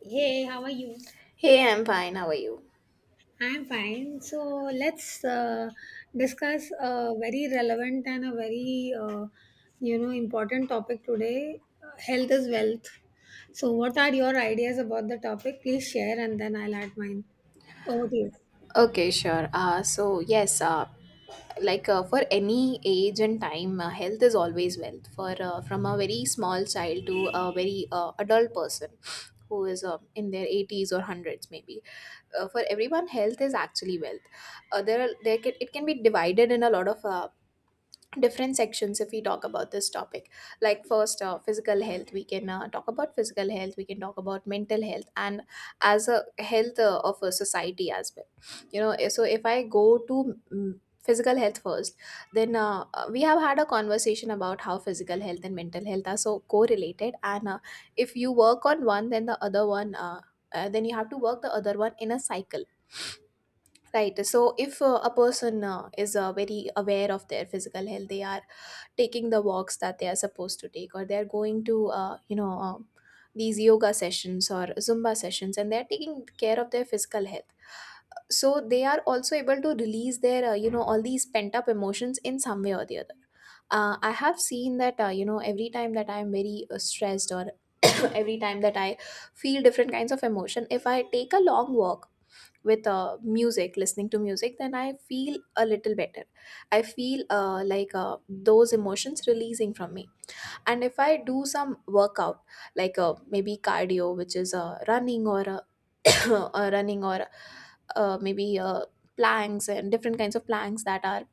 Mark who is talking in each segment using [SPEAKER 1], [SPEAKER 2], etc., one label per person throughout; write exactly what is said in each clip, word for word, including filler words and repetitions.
[SPEAKER 1] Hey, how are you?
[SPEAKER 2] Hey, I'm fine. How are you?
[SPEAKER 1] I'm fine. So let's uh, discuss a very relevant and a very uh, you know important topic today. Uh, health is wealth. So what are your ideas about the topic? Please share and then I'll add mine. Over to you.
[SPEAKER 2] Okay, sure. Uh, so yes, uh, like uh, for any age and time, uh, health is always wealth. For uh, From a very small child to a very uh, adult person who is uh, in their eighties or hundreds, maybe. Uh, for everyone, health is actually wealth. Uh, there, are, there can, It can be divided in a lot of uh, different sections if we talk about this topic, like first, uh, physical health. We can uh, talk about physical health, we can talk about mental health, and as a health uh, of a society as well, you know eh, so if I go to mm, physical health first, then uh, uh, we have had a conversation about how physical health and mental health are so correlated, and uh, if you work on one, then the other one uh, uh, then you have to work the other one in a cycle. Right, so if uh, a person uh, is uh, very aware of their physical health, they are taking the walks that they are supposed to take, or they're going to uh, you know um, these yoga sessions or zumba sessions, and they're taking care of their physical health, so they are also able to release their uh, you know all these pent up emotions in some way or the other. uh, I have seen that, uh, you know every time that I am very uh, stressed or every time that I feel different kinds of emotion, if I take a long walk with uh, music, listening to music, then I feel a little better. I feel uh, like uh, those emotions releasing from me. And if I do some workout, like uh, maybe cardio, which is uh, running or uh, uh, running or uh, maybe uh, planks, and different kinds of planks that are,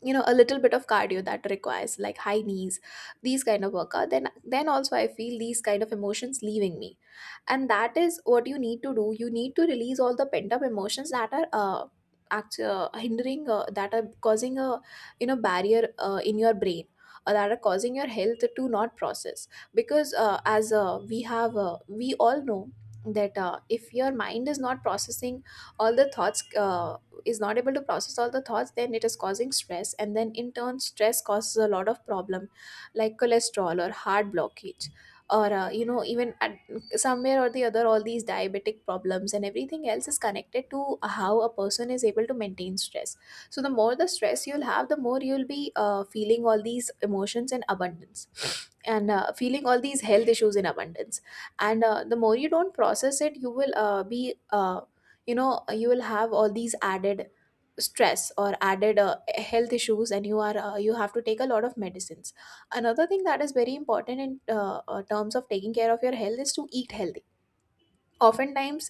[SPEAKER 2] you know, a little bit of cardio that requires like high knees, these kind of workout, then then also I feel these kind of emotions leaving me. And that is what you need to do. You need to release all the pent up emotions that are uh, act- uh hindering, uh, that are causing a, you know, barrier uh, in your brain, or that are causing your health to not process. Because uh, as uh, we have uh, we all know that uh, if your mind is not processing all the thoughts uh, is not able to process all the thoughts, then it is causing stress, and then in turn, stress causes a lot of problem, like cholesterol or heart blockage, or uh, you know even at somewhere or the other, all these diabetic problems and everything else is connected to how a person is able to maintain stress. So the more the stress you'll have, the more you'll be uh, feeling all these emotions in abundance, and uh, feeling all these health issues in abundance. And uh, the more you don't process it, you will uh, be uh, you know, you will have all these added stress or added uh, health issues, and you are uh, you have to take a lot of medicines. Another thing that is very important in uh, uh, terms of taking care of your health is to eat healthy. Oftentimes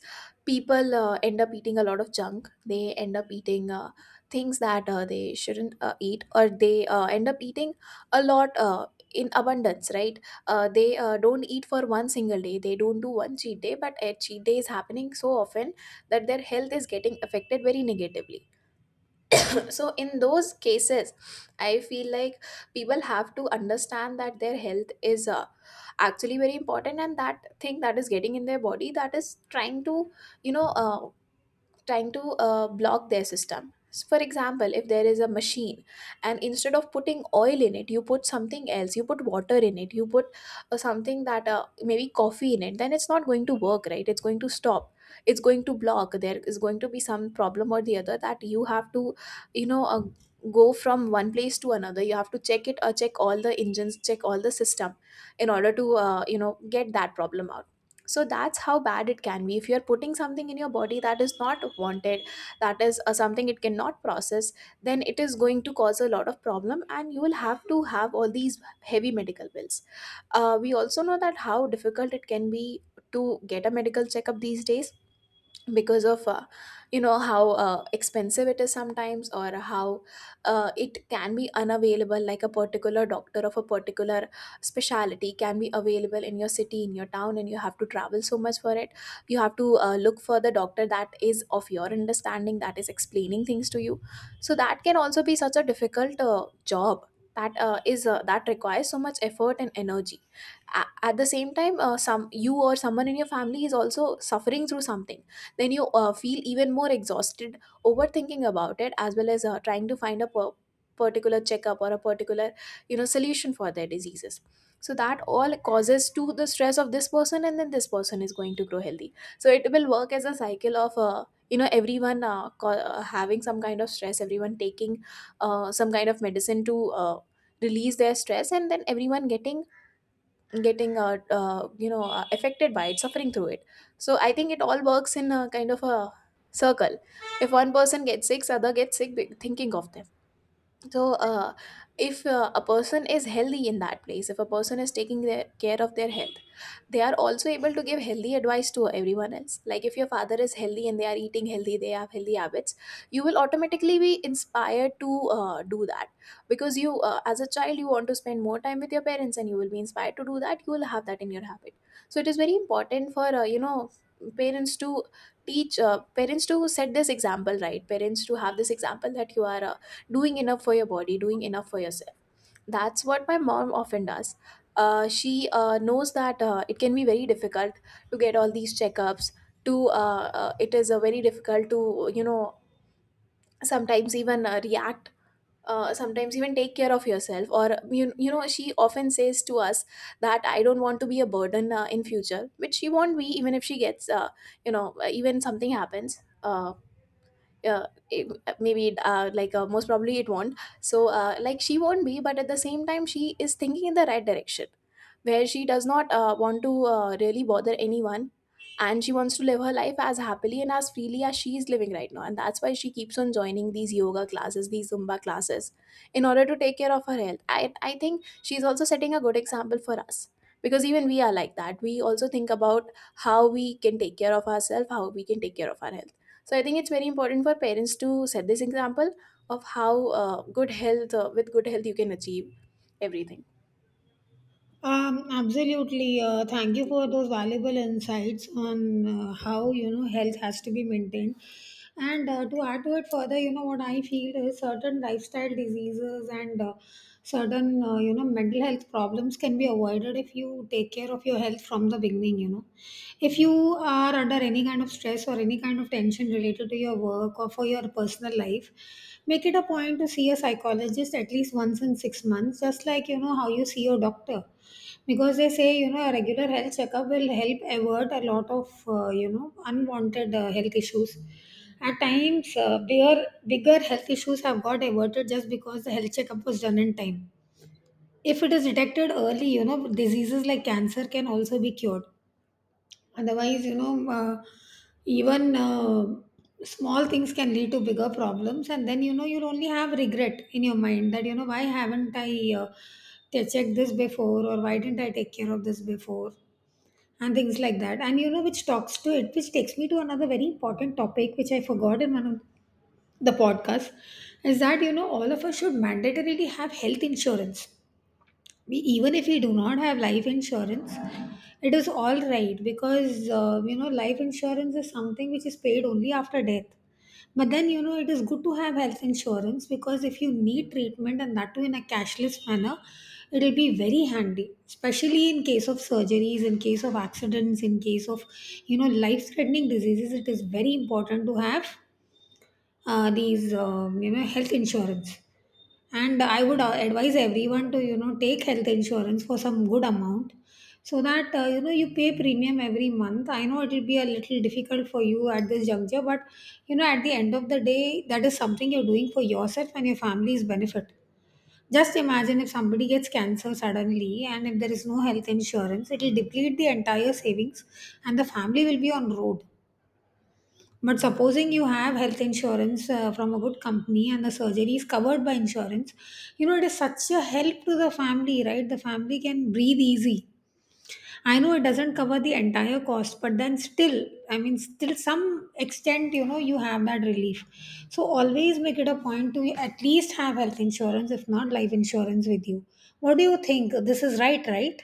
[SPEAKER 2] people uh, end up eating a lot of junk. They end up eating uh, things that uh, they shouldn't uh, eat, or they uh, end up eating a lot uh, in abundance, right? Uh, they uh, don't eat for one single day, they don't do one cheat day, but a cheat day is happening so often that their health is getting affected very negatively. So in those cases, I feel like people have to understand that their health is uh, actually very important, and that thing that is getting in their body, that is trying to, you know, uh, trying to uh, block their system. So for example, if there is a machine and instead of putting oil in it, you put something else, you put water in it, you put uh, something that uh, maybe coffee in it, then it's not going to work, right? It's going to stop. It's going to block. There is going to be some problem or the other that you have to, you know, uh, go from one place to another. You have to check it, or check all the engines, check all the system in order to, uh, you know, get that problem out. So that's how bad it can be if you're putting something in your body that is not wanted, that is uh, something it cannot process. Then it is going to cause a lot of problem, and you will have to have all these heavy medical bills. Uh, we also know that how difficult it can be to get a medical checkup these days, because of, uh, you know how uh, expensive it is sometimes, or how uh, it can be unavailable, like a particular doctor of a particular specialty can be available in your city, in your town, and you have to travel so much for it. You have to uh, look for the doctor that is of your understanding, that is explaining things to you. So that can also be such a difficult uh, job, that uh, is uh, that requires so much effort and energy. A- at the same time, uh, some you or someone in your family is also suffering through something, then you uh, feel even more exhausted, overthinking about it, as well as uh, trying to find a per- particular checkup or a particular, you know, solution for their diseases. So that all causes to the stress of this person, and then this person is going to grow healthy, so it will work as a cycle of, uh, you know everyone uh, co- uh, having some kind of stress, everyone taking uh, some kind of medicine to uh, release their stress, and then everyone getting getting uh, uh, you know uh, affected by it, suffering through it. So I think it all works in a kind of a circle. If one person gets sick, other gets sick, be- thinking of them. So uh, if uh, a person is healthy in that place, if a person is taking their care of their health, they are also able to give healthy advice to everyone else. Like, if your father is healthy and they are eating healthy, they have healthy habits, you will automatically be inspired to uh, do that. Because you uh, as a child, you want to spend more time with your parents, and you will be inspired to do that, you will have that in your habit. So it is very important for, uh, you know parents to teach uh, parents to set this example, right, parents to have this example that you are uh, doing enough for your body, doing enough for yourself. That's what my mom often does. Uh, she uh, knows that uh, it can be very difficult to get all these checkups, to uh, uh, it is uh, very difficult to, you know, sometimes even uh, react, uh, sometimes even take care of yourself. Or you, you know, she often says to us that I don't want to be a burden uh, in future, which she won't be, even if she gets uh, you know even something happens, uh, uh, it, maybe uh, like uh, most probably it won't, so uh, like she won't be. But at the same time, she is thinking in the right direction, where she does not uh, want to uh, really bother anyone. And she wants to live her life as happily and as freely as she is living right now, and that's why she keeps on joining these yoga classes, these zumba classes, in order to take care of her health. i, I think she's also setting a good example for us, because even we are like that. We also think about how we can take care of ourselves, how we can take care of our health. So I think it's very important for parents to set this example of how uh, good health, uh, with good health, you can achieve everything.
[SPEAKER 1] Um, absolutely. Uh, thank you for those valuable insights on uh, how you know health has to be maintained. And uh, to add to it further, you know what I feel is certain lifestyle diseases and uh, certain uh, you know mental health problems can be avoided if you take care of your health from the beginning. You know, if you are under any kind of stress or any kind of tension related to your work or for your personal life, make it a point to see a psychologist at least once in six months, just like you know how you see your doctor because they say, you know, a regular health checkup will help avert a lot of, uh, you know, unwanted uh, health issues. At times, uh, bigger, bigger health issues have got averted just because the health checkup was done in time. If it is detected early, you know, diseases like cancer can also be cured. Otherwise, you know, uh, even uh, small things can lead to bigger problems, and then you know you'll only have regret in your mind that you know why haven't I uh, t- checked this before, or why didn't I take care of this before, and things like that. And you know, which talks to it, which takes me to another very important topic, which I forgot in one of the podcasts, is that you know all of us should mandatorily have health insurance we, even if we do not have life insurance. It is all right because uh, you know life insurance is something which is paid only after death. But then you know it is good to have health insurance because if you need treatment and that too in a cashless manner, it will be very handy, especially in case of surgeries, in case of accidents, in case of you know life threatening diseases. It is very important to have uh, these um, you know health insurance. And I would uh, advise everyone to you know take health insurance for some good amount, so that uh, you know you pay premium every month. I know it will be a little difficult for you at this juncture, but you know at the end of the day that is something you're doing for yourself and your family's benefit. Just imagine if somebody gets cancer suddenly and if there is no health insurance, it will deplete the entire savings and the family will be on road. But supposing you have health insurance uh, from a good company and the surgery is covered by insurance, you know, it is such a help to the family, right? The family can breathe easy. I know it doesn't cover the entire cost, but then still, I mean, still some extent, you know, you have that relief. So always make it a point to at least have health insurance, if not life insurance with you. What do you think? This is right, right?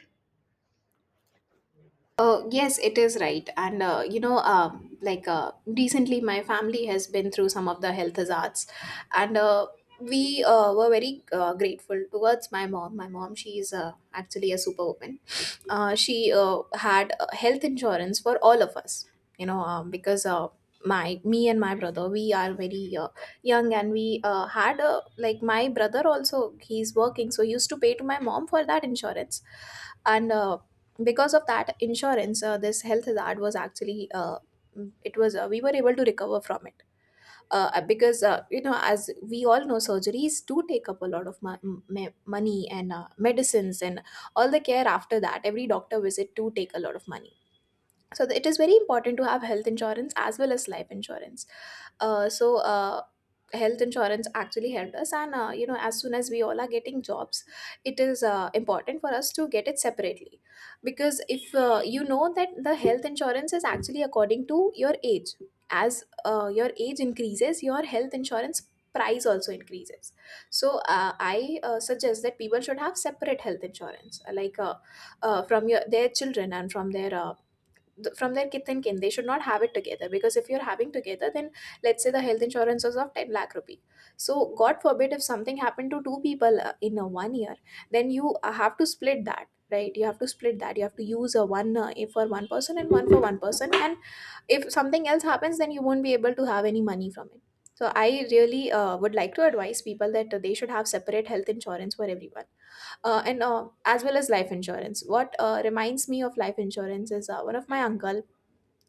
[SPEAKER 2] Uh, yes, it is right. And, uh, you know, um, like uh, recently, my family has been through some of the health hazards, and uh, we uh, were very uh, grateful towards my mom. My mom, she is uh, actually a superwoman. Uh, she uh, had uh, health insurance for all of us. You know, um, because uh, my me and my brother, we are very uh, young, and we uh, had a, like my brother also. He's working, so he used to pay to my mom for that insurance and uh, because of that insurance uh, this health hazard was actually uh, it was uh, we were able to recover from it. Uh, uh, because uh, you know as we all know, surgeries do take up a lot of mo- m- me- money and uh, medicines, and all the care after that, every doctor visit, do take a lot of money. So th- it is very important to have health insurance as well as life insurance. uh, so uh, Health insurance actually helped us, and uh, you know, as soon as we all are getting jobs, it is uh, important for us to get it separately, because if uh, you know that the health insurance is actually according to your age. As uh, your age increases, your health insurance price also increases. So uh, i uh, suggest that people should have separate health insurance, like uh, uh, from your their children and from their uh, th- from their kith and kin. They should not have it together, because if you're having together, then let's say the health insurance was of ten lakh rupee. So god forbid if something happened to two people uh, in a one year, then you uh, have to split that, right? You have to split that. You have to use a one uh, for one person and one for one person, and if something else happens, then you won't be able to have any money from it. So I really uh, would like to advise people that uh, they should have separate health insurance for everyone, uh, and uh, as well as life insurance. What uh, reminds me of life insurance is uh, one of my uncle.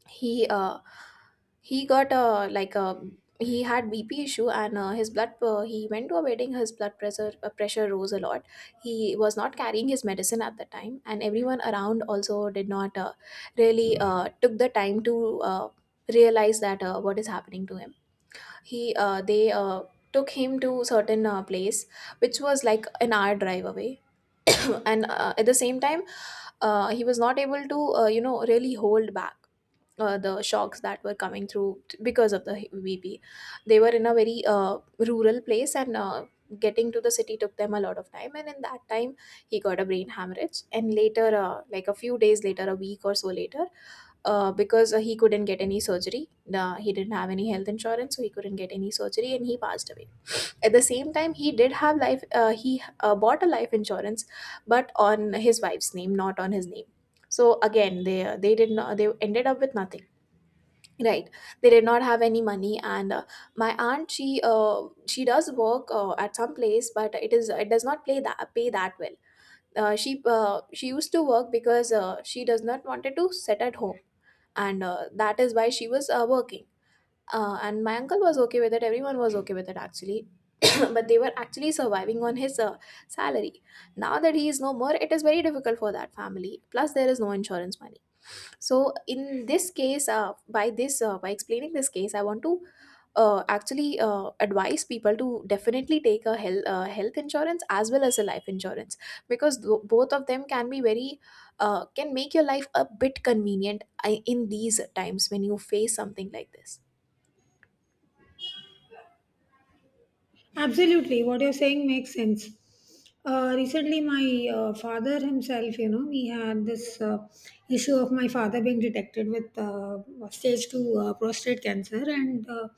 [SPEAKER 2] He uh he got a like a he had bp issue, and uh, his blood uh, he went to a wedding. His blood pressure uh, pressure rose a lot. He was not carrying his medicine at the time, and everyone around also did not uh, really uh, took the time to uh, realize that uh, what is happening to him. He uh, they uh, took him to certain uh, place which was like an hour drive away. And uh, at the same time, uh, he was not able to uh, you know, really hold back uh, the shocks that were coming through t- because of the h- V P. They were in a very uh, rural place, and uh, getting to the city took them a lot of time. And in that time, he got a brain hemorrhage. And later, uh, like a few days later, a week or so later, uh, because uh, he couldn't get any surgery, uh, he didn't have any health insurance, so he couldn't get any surgery and he passed away. At the same time, he did have life, uh, he uh, bought a life insurance, but on his wife's name, not on his name. So again, they they did not, they ended up with nothing, right? They did not have any money. And uh, my aunt, she uh, she does work uh, at some place, but it is it does not play that pay that well. Uh, she uh, she used to work because uh, she does not wanted to sit at home, and uh, that is why she was uh, working. Uh, and my uncle was okay with it, everyone was okay with it actually. But they were actually surviving on his uh, salary. Now that he is no more, it is very difficult for that family, plus there is no insurance money. So in this case, uh, by this uh, by explaining this case, I want to uh, actually uh, advise people to definitely take a health, uh, health insurance as well as a life insurance, because tho- both of them can be very uh, can make your life a bit convenient uh, in these times when you face something like this.
[SPEAKER 1] Absolutely, what you're saying makes sense. Uh, recently, my uh, father himself, you know, we had this uh, issue of my father being detected with uh, stage two uh, prostate cancer, and uh,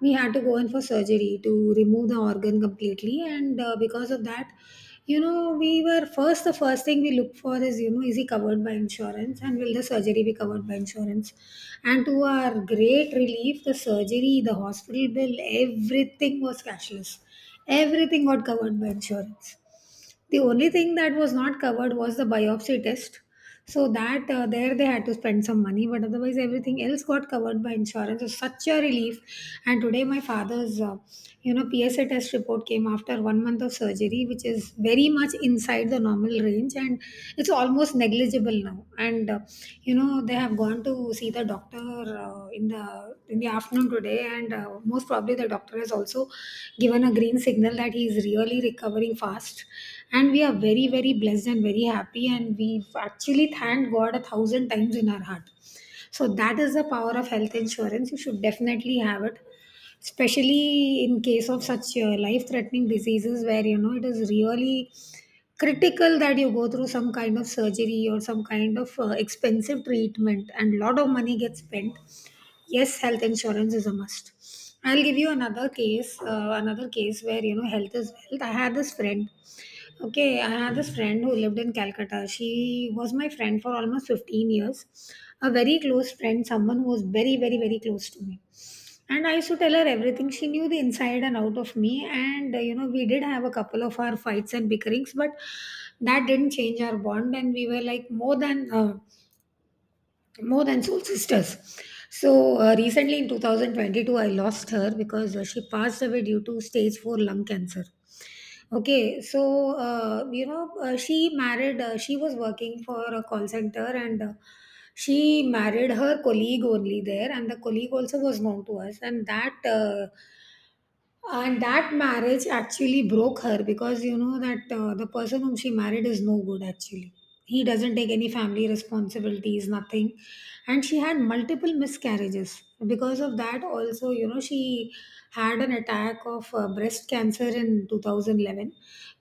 [SPEAKER 1] we had to go in for surgery to remove the organ completely. And uh, because of that, you know we were first the first thing we look for is you know is he covered by insurance and will the surgery be covered by insurance. And to our great relief, the surgery, the hospital bill, everything was cashless. Everything got covered by insurance. The only thing that was not covered was the biopsy test. So that uh, there they had to spend some money, but otherwise everything else got covered by insurance. So such a relief. And today my father's, uh, you know, P S A test report came after one month of surgery, which is very much inside the normal range, and it's almost negligible now. And uh, you know they have gone to see the doctor uh, in the in the afternoon today, and uh, most probably the doctor has also given a green signal that he is really recovering fast. And we are very very blessed and very happy and we've actually thanked god a thousand times in our heart. So that is the power of health insurance. You should definitely have it, especially in case of such uh, life threatening diseases where you know it is really critical that you go through some kind of surgery or some kind of uh, expensive treatment and lot of money gets spent. Yes, health insurance is a must. I'll give you another case, uh, another case where you know health is wealth. I had this friend. Okay, I had this friend who lived in Calcutta. She was my friend for almost fifteen years, a very close friend, someone who was very very very close to me, and I used to tell her everything. She knew the inside and out of me. And, uh, you know, we did have a couple of our fights and bickerings, but that didn't change our bond. And we were like more than. Uh, more than soul sisters. So uh, recently in twenty twenty-two, I lost her because uh, she passed away due to stage four lung cancer. Okay, so uh, you know uh, she married. Uh, she was working for a call center, and uh, she married her colleague only there, and the colleague also was known to us, and that. Uh, and that marriage actually broke her because you know that uh, the person whom she married is no good actually. He doesn't take any family responsibilities, nothing. And she had multiple miscarriages because of that. Also you know she had an attack of uh, breast cancer in two thousand eleven,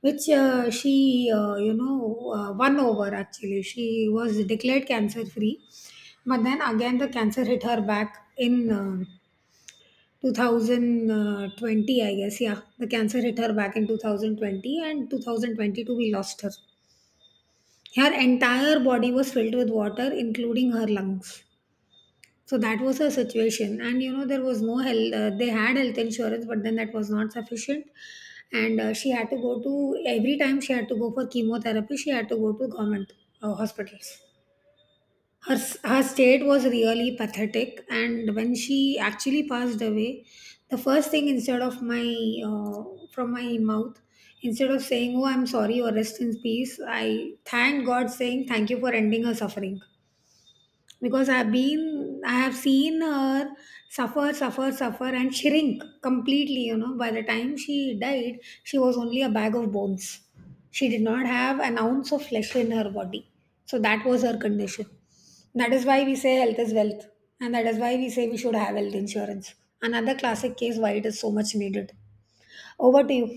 [SPEAKER 1] which uh, she uh, you know uh, won over. Actually, she was declared cancer free, but then again the cancer hit her back in um two thousand twenty, I guess. Yeah, the cancer hit her back in two thousand twenty, and two thousand twenty-two we lost her. Her entire body was filled with water, including her lungs. So that was her situation, and you know there was no health. Uh, they had health insurance, but then that was not sufficient, and uh, she had to go to every time she had to go for chemotherapy. She had to go to government uh, hospitals. Her her state was really pathetic, and when she actually passed away, the first thing, instead of my uh, from my mouth, instead of saying oh I'm sorry or rest in peace, I thanked god saying thank you for ending her suffering. Because i've been I have seen her suffer, suffer, suffer, and shrink completely. You know, by the time she died, she was only a bag of bones. She did not have an ounce of flesh in her body. So that was her condition. That is why we say health is wealth, and that is why we say we should have health insurance. Another classic case why it is so much needed. Over to you.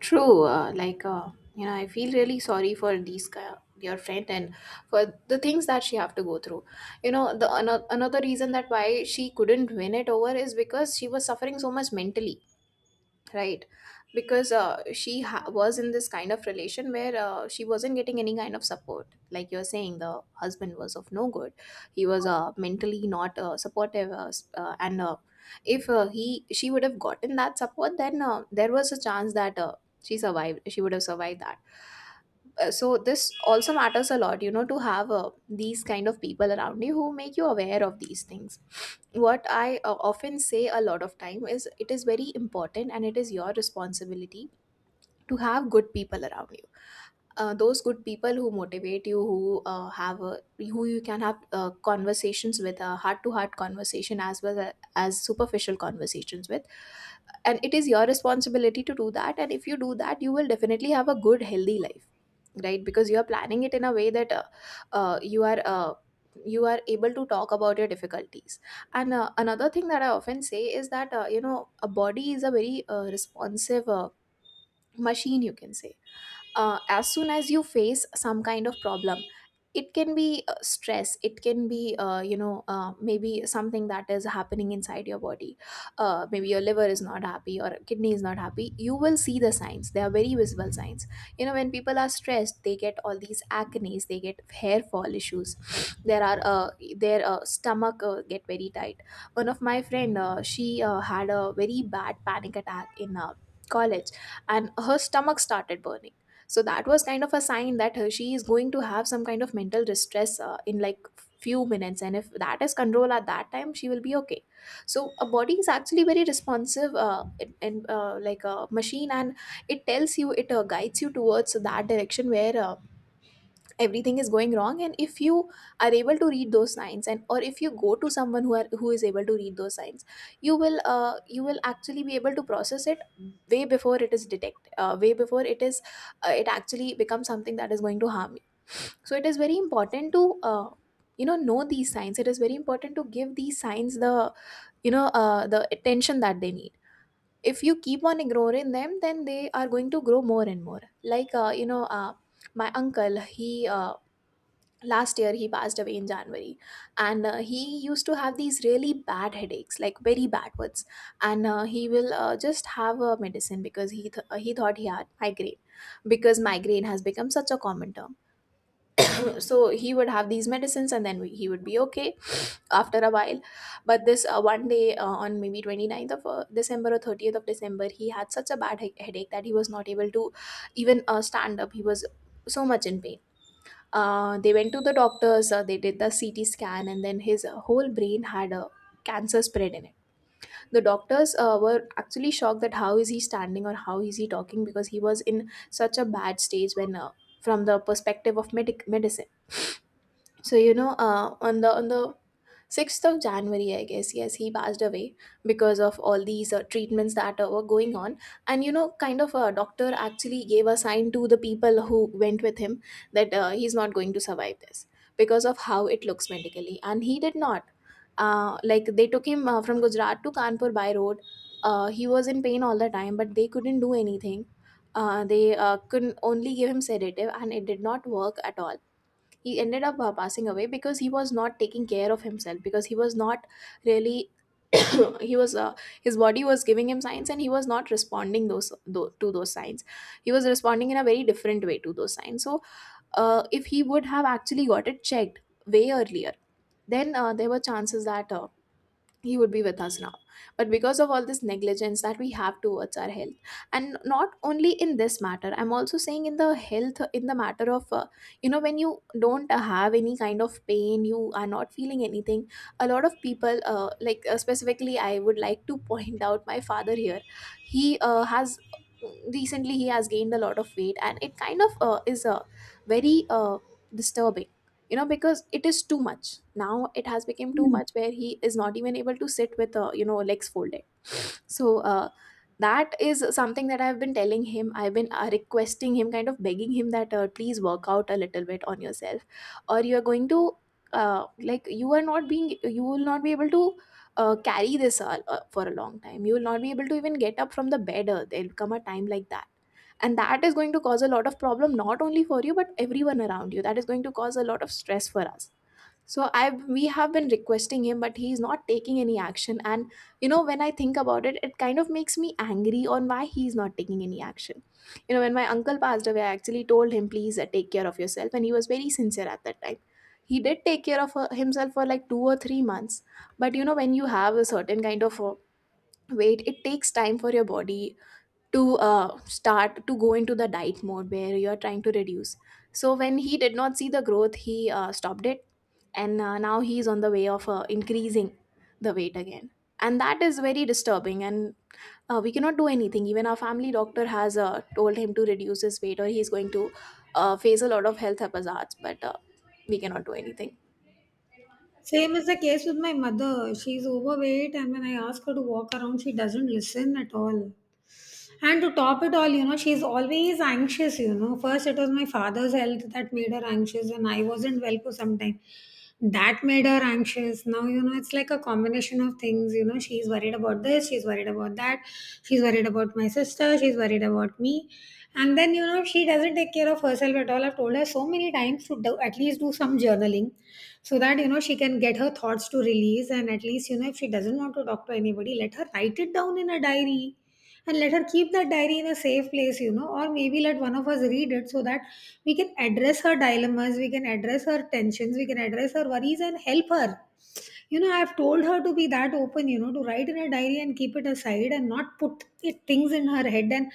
[SPEAKER 2] True. uh, like uh, you know, I feel really sorry for these guy, your friend, and for the things that she have to go through. You know, the ano- another reason that why she couldn't win it over is because she was suffering so much mentally, right? Because uh, she ha- was in this kind of relation where uh, she wasn't getting any kind of support. Like you're saying, the husband was of no good. He was uh, mentally not uh, supportive, uh, s- uh, and uh, if uh, he she would have gotten that support, then uh, there was a chance that uh, she survived she would have survived that. Uh, so this also matters a lot, you know, to have uh, these kind of people around you who make you aware of these things. What I uh, often say a lot of time is it is very important, and it is your responsibility to have good people around you, uh, those good people who motivate you, who uh, have a, who you can have uh, conversations with, a heart to heart conversation as well a- as superficial conversations with. And it is your responsibility to do that, and if you do that, you will definitely have a good healthy life, right? Because you are planning it in a way that uh, uh, you are uh, you are able to talk about your difficulties. And uh, another thing that I often say is that uh, you know, a body is a very uh, responsive uh, machine, you can say. Uh, as soon as you face some kind of problem, it can be uh, stress, it can be uh, you know uh, maybe something that is happening inside your body, uh, maybe your liver is not happy or kidney is not happy. You will see the signs, they are very visible signs. You know, when people are stressed, they get all these acnes, they get hair fall issues. There are uh, their uh, stomach uh, get very tight. One of my friend, uh, she uh, had a very bad panic attack in uh, college, and her stomach started burning. So that was kind of a sign that uh, she is going to have some kind of mental distress uh, in like few minutes, and if that is control at that time, she will be okay. So a body is actually very responsive uh, in, in, uh, like a machine, and it tells you, it uh, guides you towards that direction where uh, everything is going wrong. And if you are able to read those signs, and or if you go to someone who are who is able to read those signs, you will uh, you will actually be able to process it way before it is detect uh, way before it is uh, it actually becomes something that is going to harm you. So it is very important to uh, you know know these signs. It is very important to give these signs the you know uh, the attention that they need. If you keep on ignoring them, then they are going to grow more and more. like uh, you know uh, my uncle, he uh, last year he passed away in January, and uh, he used to have these really bad headaches, like very bad ones, and uh, he will uh, just have a medicine because he th- uh, he thought he had migraine, because migraine has become such a common term. So he would have these medicines, and then we, he would be okay after a while. But this uh, one day, uh, on maybe 29th of uh, december or thirtieth of december, he had such a bad he- headache that he was not able to even uh, stand up. He was so much in pain. Uh, they went to the doctors, uh, they did the C T scan, and then his uh, whole brain had a cancer spread in it. The doctors uh, were actually shocked that how is he standing or how is he talking because he was in such a bad stage when, uh, from the perspective of medic- medicine. So you know uh, on the on the sixth of January, I guess, yes, he passed away because of all these uh, treatments that uh, were going on. And you know, kind of, a doctor actually gave a sign to the people who went with him that uh, he's not going to survive this because of how it looks medically, and he did not. Uh, like, they took him uh, from Gujarat to Kanpur by road. Uh, he was in pain all the time, but they couldn't do anything. Uh, they uh, couldn't only give him sedative and it did not work at all. He ended up uh, passing away because he was not taking care of himself, because he was not really. He was uh, his body was giving him signs and he was not responding those tho- to those signs. He was responding in a very different way to those signs. So uh, if he would have actually got it checked way earlier, then uh, there were chances that uh, he would be with us now. But because of all this negligence that we have towards our health, and not only in this matter, I'm also saying in the health, in the matter of uh, you know, when you don't have any kind of pain, you are not feeling anything. A lot of people, uh, like uh, specifically I would like to point out my father here. He uh, has, recently he has gained a lot of weight and it kind of uh, is uh, very uh, disturbing, you know, because it is too much. Now it has become too much, where he is not even able to sit with, uh, you know, legs folded. So uh, that is something that I've been telling him, I've been uh, requesting him, kind of begging him that uh, please work out a little bit on yourself, or you're going to, uh, like, you are not being, you will not be able to uh, carry this all, uh, for a long time. You will not be able to even get up from the bed. Uh, there'll come a time like that, and that is going to cause a lot of problem, not only for you but everyone around you. That is going to cause a lot of stress for us. So I, we have been requesting him, but he is not taking any action. And you know, when I think about it, it kind of makes me angry on why he is not taking any action. You know, when my uncle passed away, I actually told him, please uh, take care of yourself, and he was very sincere at that time. He did take care of uh, himself for like two or three months. But you know, when you have a certain kind of uh, weight, it takes time for your body to uh, start to go into the diet mode where you are trying to reduce. So when he did not see the growth, he uh, stopped it, and uh, now he is on the way of uh, increasing the weight again, and that is very disturbing. And uh, we cannot do anything. Even our family doctor has uh, told him to reduce his weight, or he's going to uh, face a lot of health hazards, but uh, we cannot do anything.
[SPEAKER 1] Same is the case with my mother. She's overweight, and when I ask her to walk around she doesn't listen at all. And to top it all, you know, she's always anxious, you know. First, it was my father's health that made her anxious, and I wasn't well for some time. That made her anxious. Now, you know, it's like a combination of things. You know, she's worried about this, she's worried about that, she's worried about my sister, she's worried about me. And then, you know, she doesn't take care of herself at all. I've told her so many times to do, at least do some journaling so that, you know, she can get her thoughts to release. And at least, you know, if she doesn't want to talk to anybody, let her write it down in a diary and let her keep that diary in a safe place, you know, or maybe let one of us read it, so that we can address her dilemmas, we can address her tensions, we can address her worries and help her. You know, I've told her to be that open, you know, to write in her diary and keep it aside and not put it, things in her head and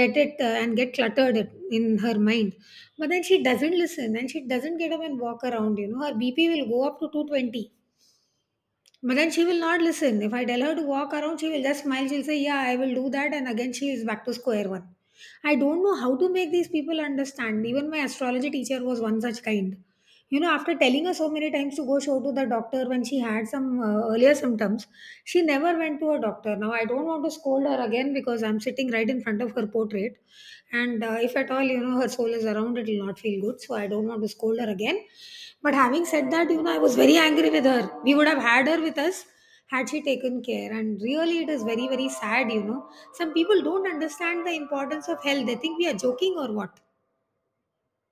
[SPEAKER 1] get it uh, and get cluttered it- in her mind. But then she doesn't listen and she doesn't get up and walk around. You know her bp will go up to two twenty, but then she will not listen. If I tell her to walk around, she will just smile. She'll say, "Yeah, I will do that." And again, she is back to square one. I don't know how to make these people understand. Even my astrology teacher was one such kind. You know, after telling her so many times to go show to the doctor when she had some uh, earlier symptoms, she never went to a doctor. Now, I don't want to scold her again because I'm sitting right in front of her portrait. And uh, if at all, you know, her soul is around, it will not feel good. So I don't want to scold her again. But having said that, you know, I was very angry with her. We would have had her with us had she taken care, and really it is very very sad. You know, some people don't understand the importance of health. They think we are joking or what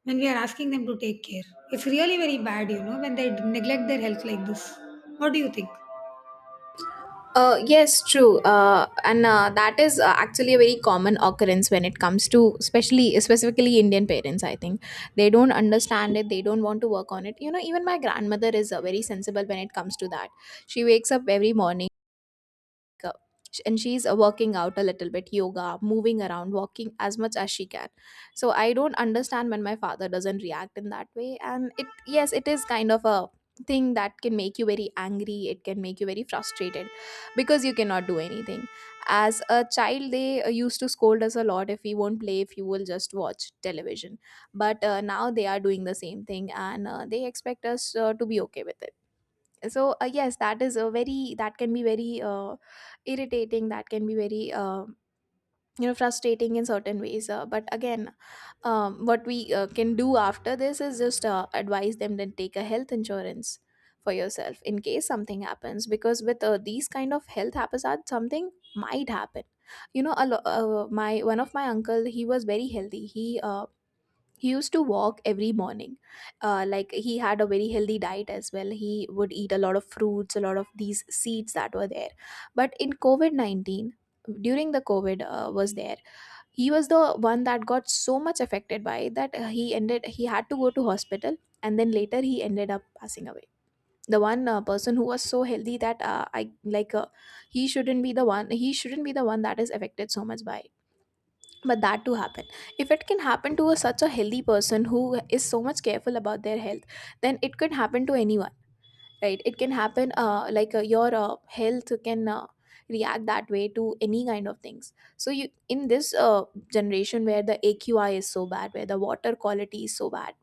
[SPEAKER 1] when we are asking them to take care. It's really very bad, you know, when they neglect their health like this. What do you think?
[SPEAKER 2] Uh, yes, true. Uh, and uh, that is uh, actually a very common occurrence when it comes to, especially, specifically Indian parents. I think they don't understand it. They don't want to work on it. You know, even my grandmother is uh, very sensible when it comes to that. She wakes up every morning, like, uh, sh- and she's uh, working out a little bit, yoga, moving around, walking as much as she can. So I don't understand when my father doesn't react in that way. And it, yes, it is kind of a thing that can make you very angry, it can make you very frustrated, because you cannot do anything. As a child, they uh, used to scold us a lot if we won't play, if you will just watch television. But uh, now they are doing the same thing, and uh, they expect us uh, to be okay with it. So uh, yes, that is a very, that can be very uh, irritating, that can be very uh, you know, frustrating in certain ways. Uh, but again, um, what we uh, can do after this is just uh, advise them to take a health insurance for yourself in case something happens, because with uh, these kind of health haphazards, something might happen. You know, a lo- uh, my one of my uncle, he was very healthy. He uh, he used to walk every morning. Uh, like, he had a very healthy diet as well. He would eat a lot of fruits, a lot of these seeds that were there. But in covid nineteen, during the covid uh, was there, he was the one that got so much affected by it that uh, he ended, he had to go to hospital, and then later he ended up passing away. The one uh, person who was so healthy that uh, I, like uh, he shouldn't be the one, he shouldn't be the one that is affected so much by it. But that to happen, if it can happen to a, such a healthy person who is so much careful about their health, then it could happen to anyone, right? It can happen, uh, like uh, your uh, health can uh, react that way to any kind of things. So you, in this uh, generation, where the AQI is so bad, where the water quality is so bad,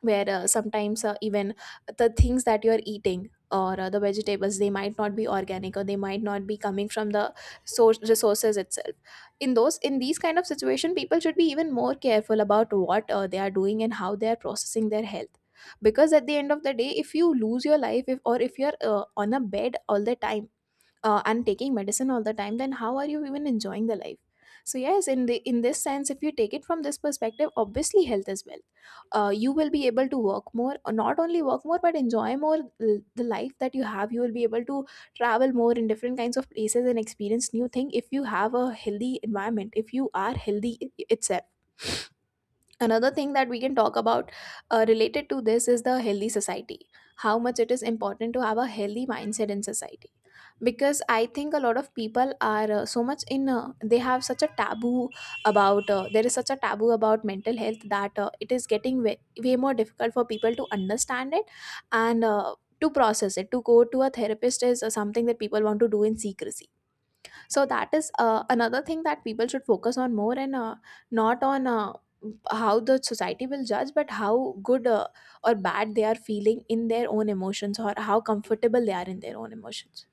[SPEAKER 2] where uh, sometimes uh, even the things that you're eating, or uh, the vegetables, they might not be organic, or they might not be coming from the source resources itself. In those, in these kind of situation, people should be even more careful about what uh, they are doing and how they are processing their health. Because at the end of the day, if you lose your life, if, or if you're uh, on a bed all the time, uh, and taking medicine all the time, then how are you even enjoying the life? So yes, in the, in this sense, if you take it from this perspective, obviously health as well, uh, you will be able to work more, uh, not only work more, but enjoy more, l- the life that you have. You will be able to travel more in different kinds of places and experience new thing if you have a healthy environment, if you are healthy i- itself. Another thing that we can talk about uh, related to this is the healthy society, how much it is important to have a healthy mindset in society. Because I think a lot of people are uh, so much in uh, they have such a taboo about, uh, there is such a taboo about mental health that uh, it is getting way, way more difficult for people to understand it. And uh, to process it, to go to a therapist is uh, something that people want to do in secrecy. So that is uh, another thing that people should focus on more, and uh, not on uh, how the society will judge, but how good uh, or bad they are feeling in their own emotions, or how comfortable they are in their own emotions.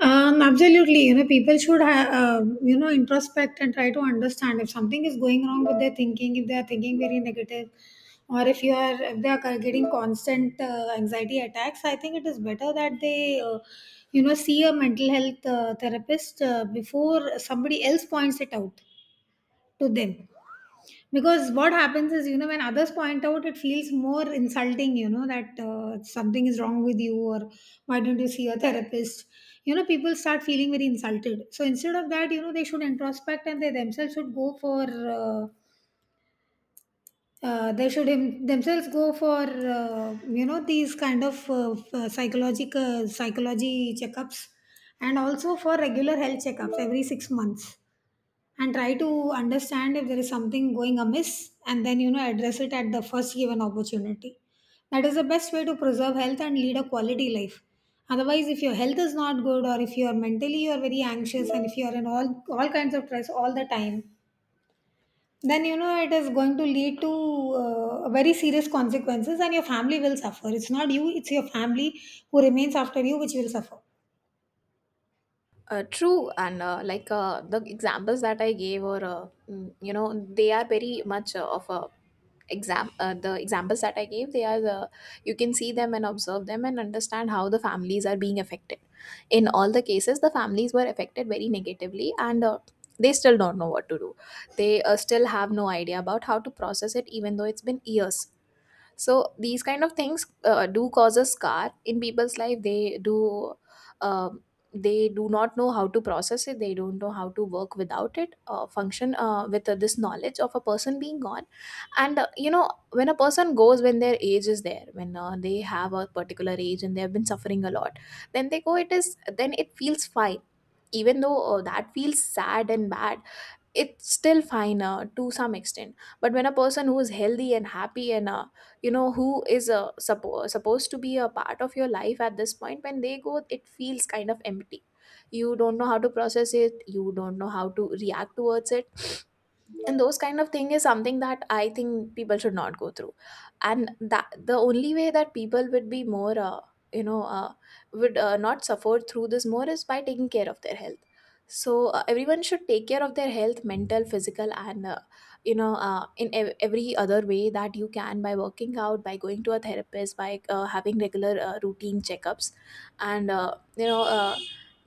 [SPEAKER 1] Um, absolutely. You know, people should have, um, you know, introspect and try to understand if something is going wrong with their thinking, if they are thinking very negative, or if you are, if they are getting constant uh, anxiety attacks. I think it is better that they, uh, you know see a mental health uh, therapist uh, before somebody else points it out to them. Because what happens is you know when others point out it feels more insulting. You know that uh, something is wrong with you, or why don't you see a therapist. You know people start feeling very insulted. So instead of that, you know, they should introspect, and they themselves should go for uh, uh, they should him, themselves go for uh, you know these kind of uh, f- psychological psychology checkups, and also for regular health checkups every six months, and try to understand if there is something going amiss, and then you know address it at the first given opportunity. That is the best way to preserve health and lead a quality life. Otherwise, if your health is not good, or if you are mentally you are very anxious, and if you are in all all kinds of stress all the time, then you know it is going to lead to uh, very serious consequences, and your family will suffer. It's not you, it's your family who remains after you which will suffer.
[SPEAKER 2] Uh, true. And uh, like uh, the examples that I gave, or uh, mm, you know, they are very much uh, of a exam. Uh, the examples that I gave, they are the, you can see them and observe them and understand how the families are being affected. In all the cases, the families were affected very negatively, and uh, they still don't know what to do. They uh, still have no idea about how to process it, even though it's been years. So these kind of things uh, do cause a scar in people's life. They do, um, they do not know how to process it. They don't know how to work without it, uh, function uh, with uh, this knowledge of a person being gone. And uh, you know, when a person goes, when their age is there, when uh, they have a particular age and they have been suffering a lot, then they go, it is, then it feels fine, even though uh, that feels sad and bad. It's still fine uh, to some extent. But when a person who is healthy and happy and uh, you know, who is uh, suppo- supposed to be a part of your life at this point, when they go, it feels kind of empty. You don't know how to process it, you don't know how to react towards it. And those kind of thing is something that I think people should not go through. And that the only way that people would be more uh, you know uh, would uh, not suffer through this more is by taking care of their health. So uh, everyone should take care of their health, mental, physical, and uh, you know uh, in ev- every other way that you can, by working out, by going to a therapist, by uh, having regular uh, routine checkups, and uh, you know uh,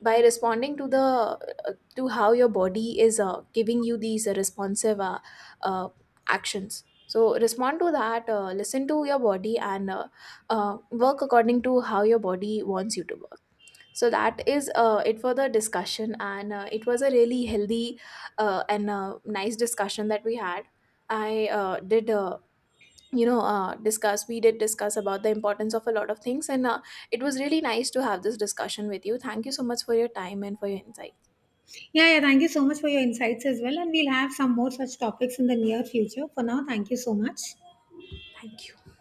[SPEAKER 2] by responding to the, to how your body is uh, giving you these uh, responsive uh, uh, actions. So respond to that, uh, listen to your body, and uh, uh, work according to how your body wants you to work. So that is uh, it for the discussion, and uh, it was a really healthy uh, and uh, nice discussion that we had. I uh, did uh, you know uh, discuss, we did discuss about the importance of a lot of things, and uh, it was really nice to have this discussion with you. Thank you so much for your time and for your insight.
[SPEAKER 1] Yeah, yeah, thank you so much for your insights as well. And we'll have some more such topics in the near future. For now, thank you so much.
[SPEAKER 2] Thank you.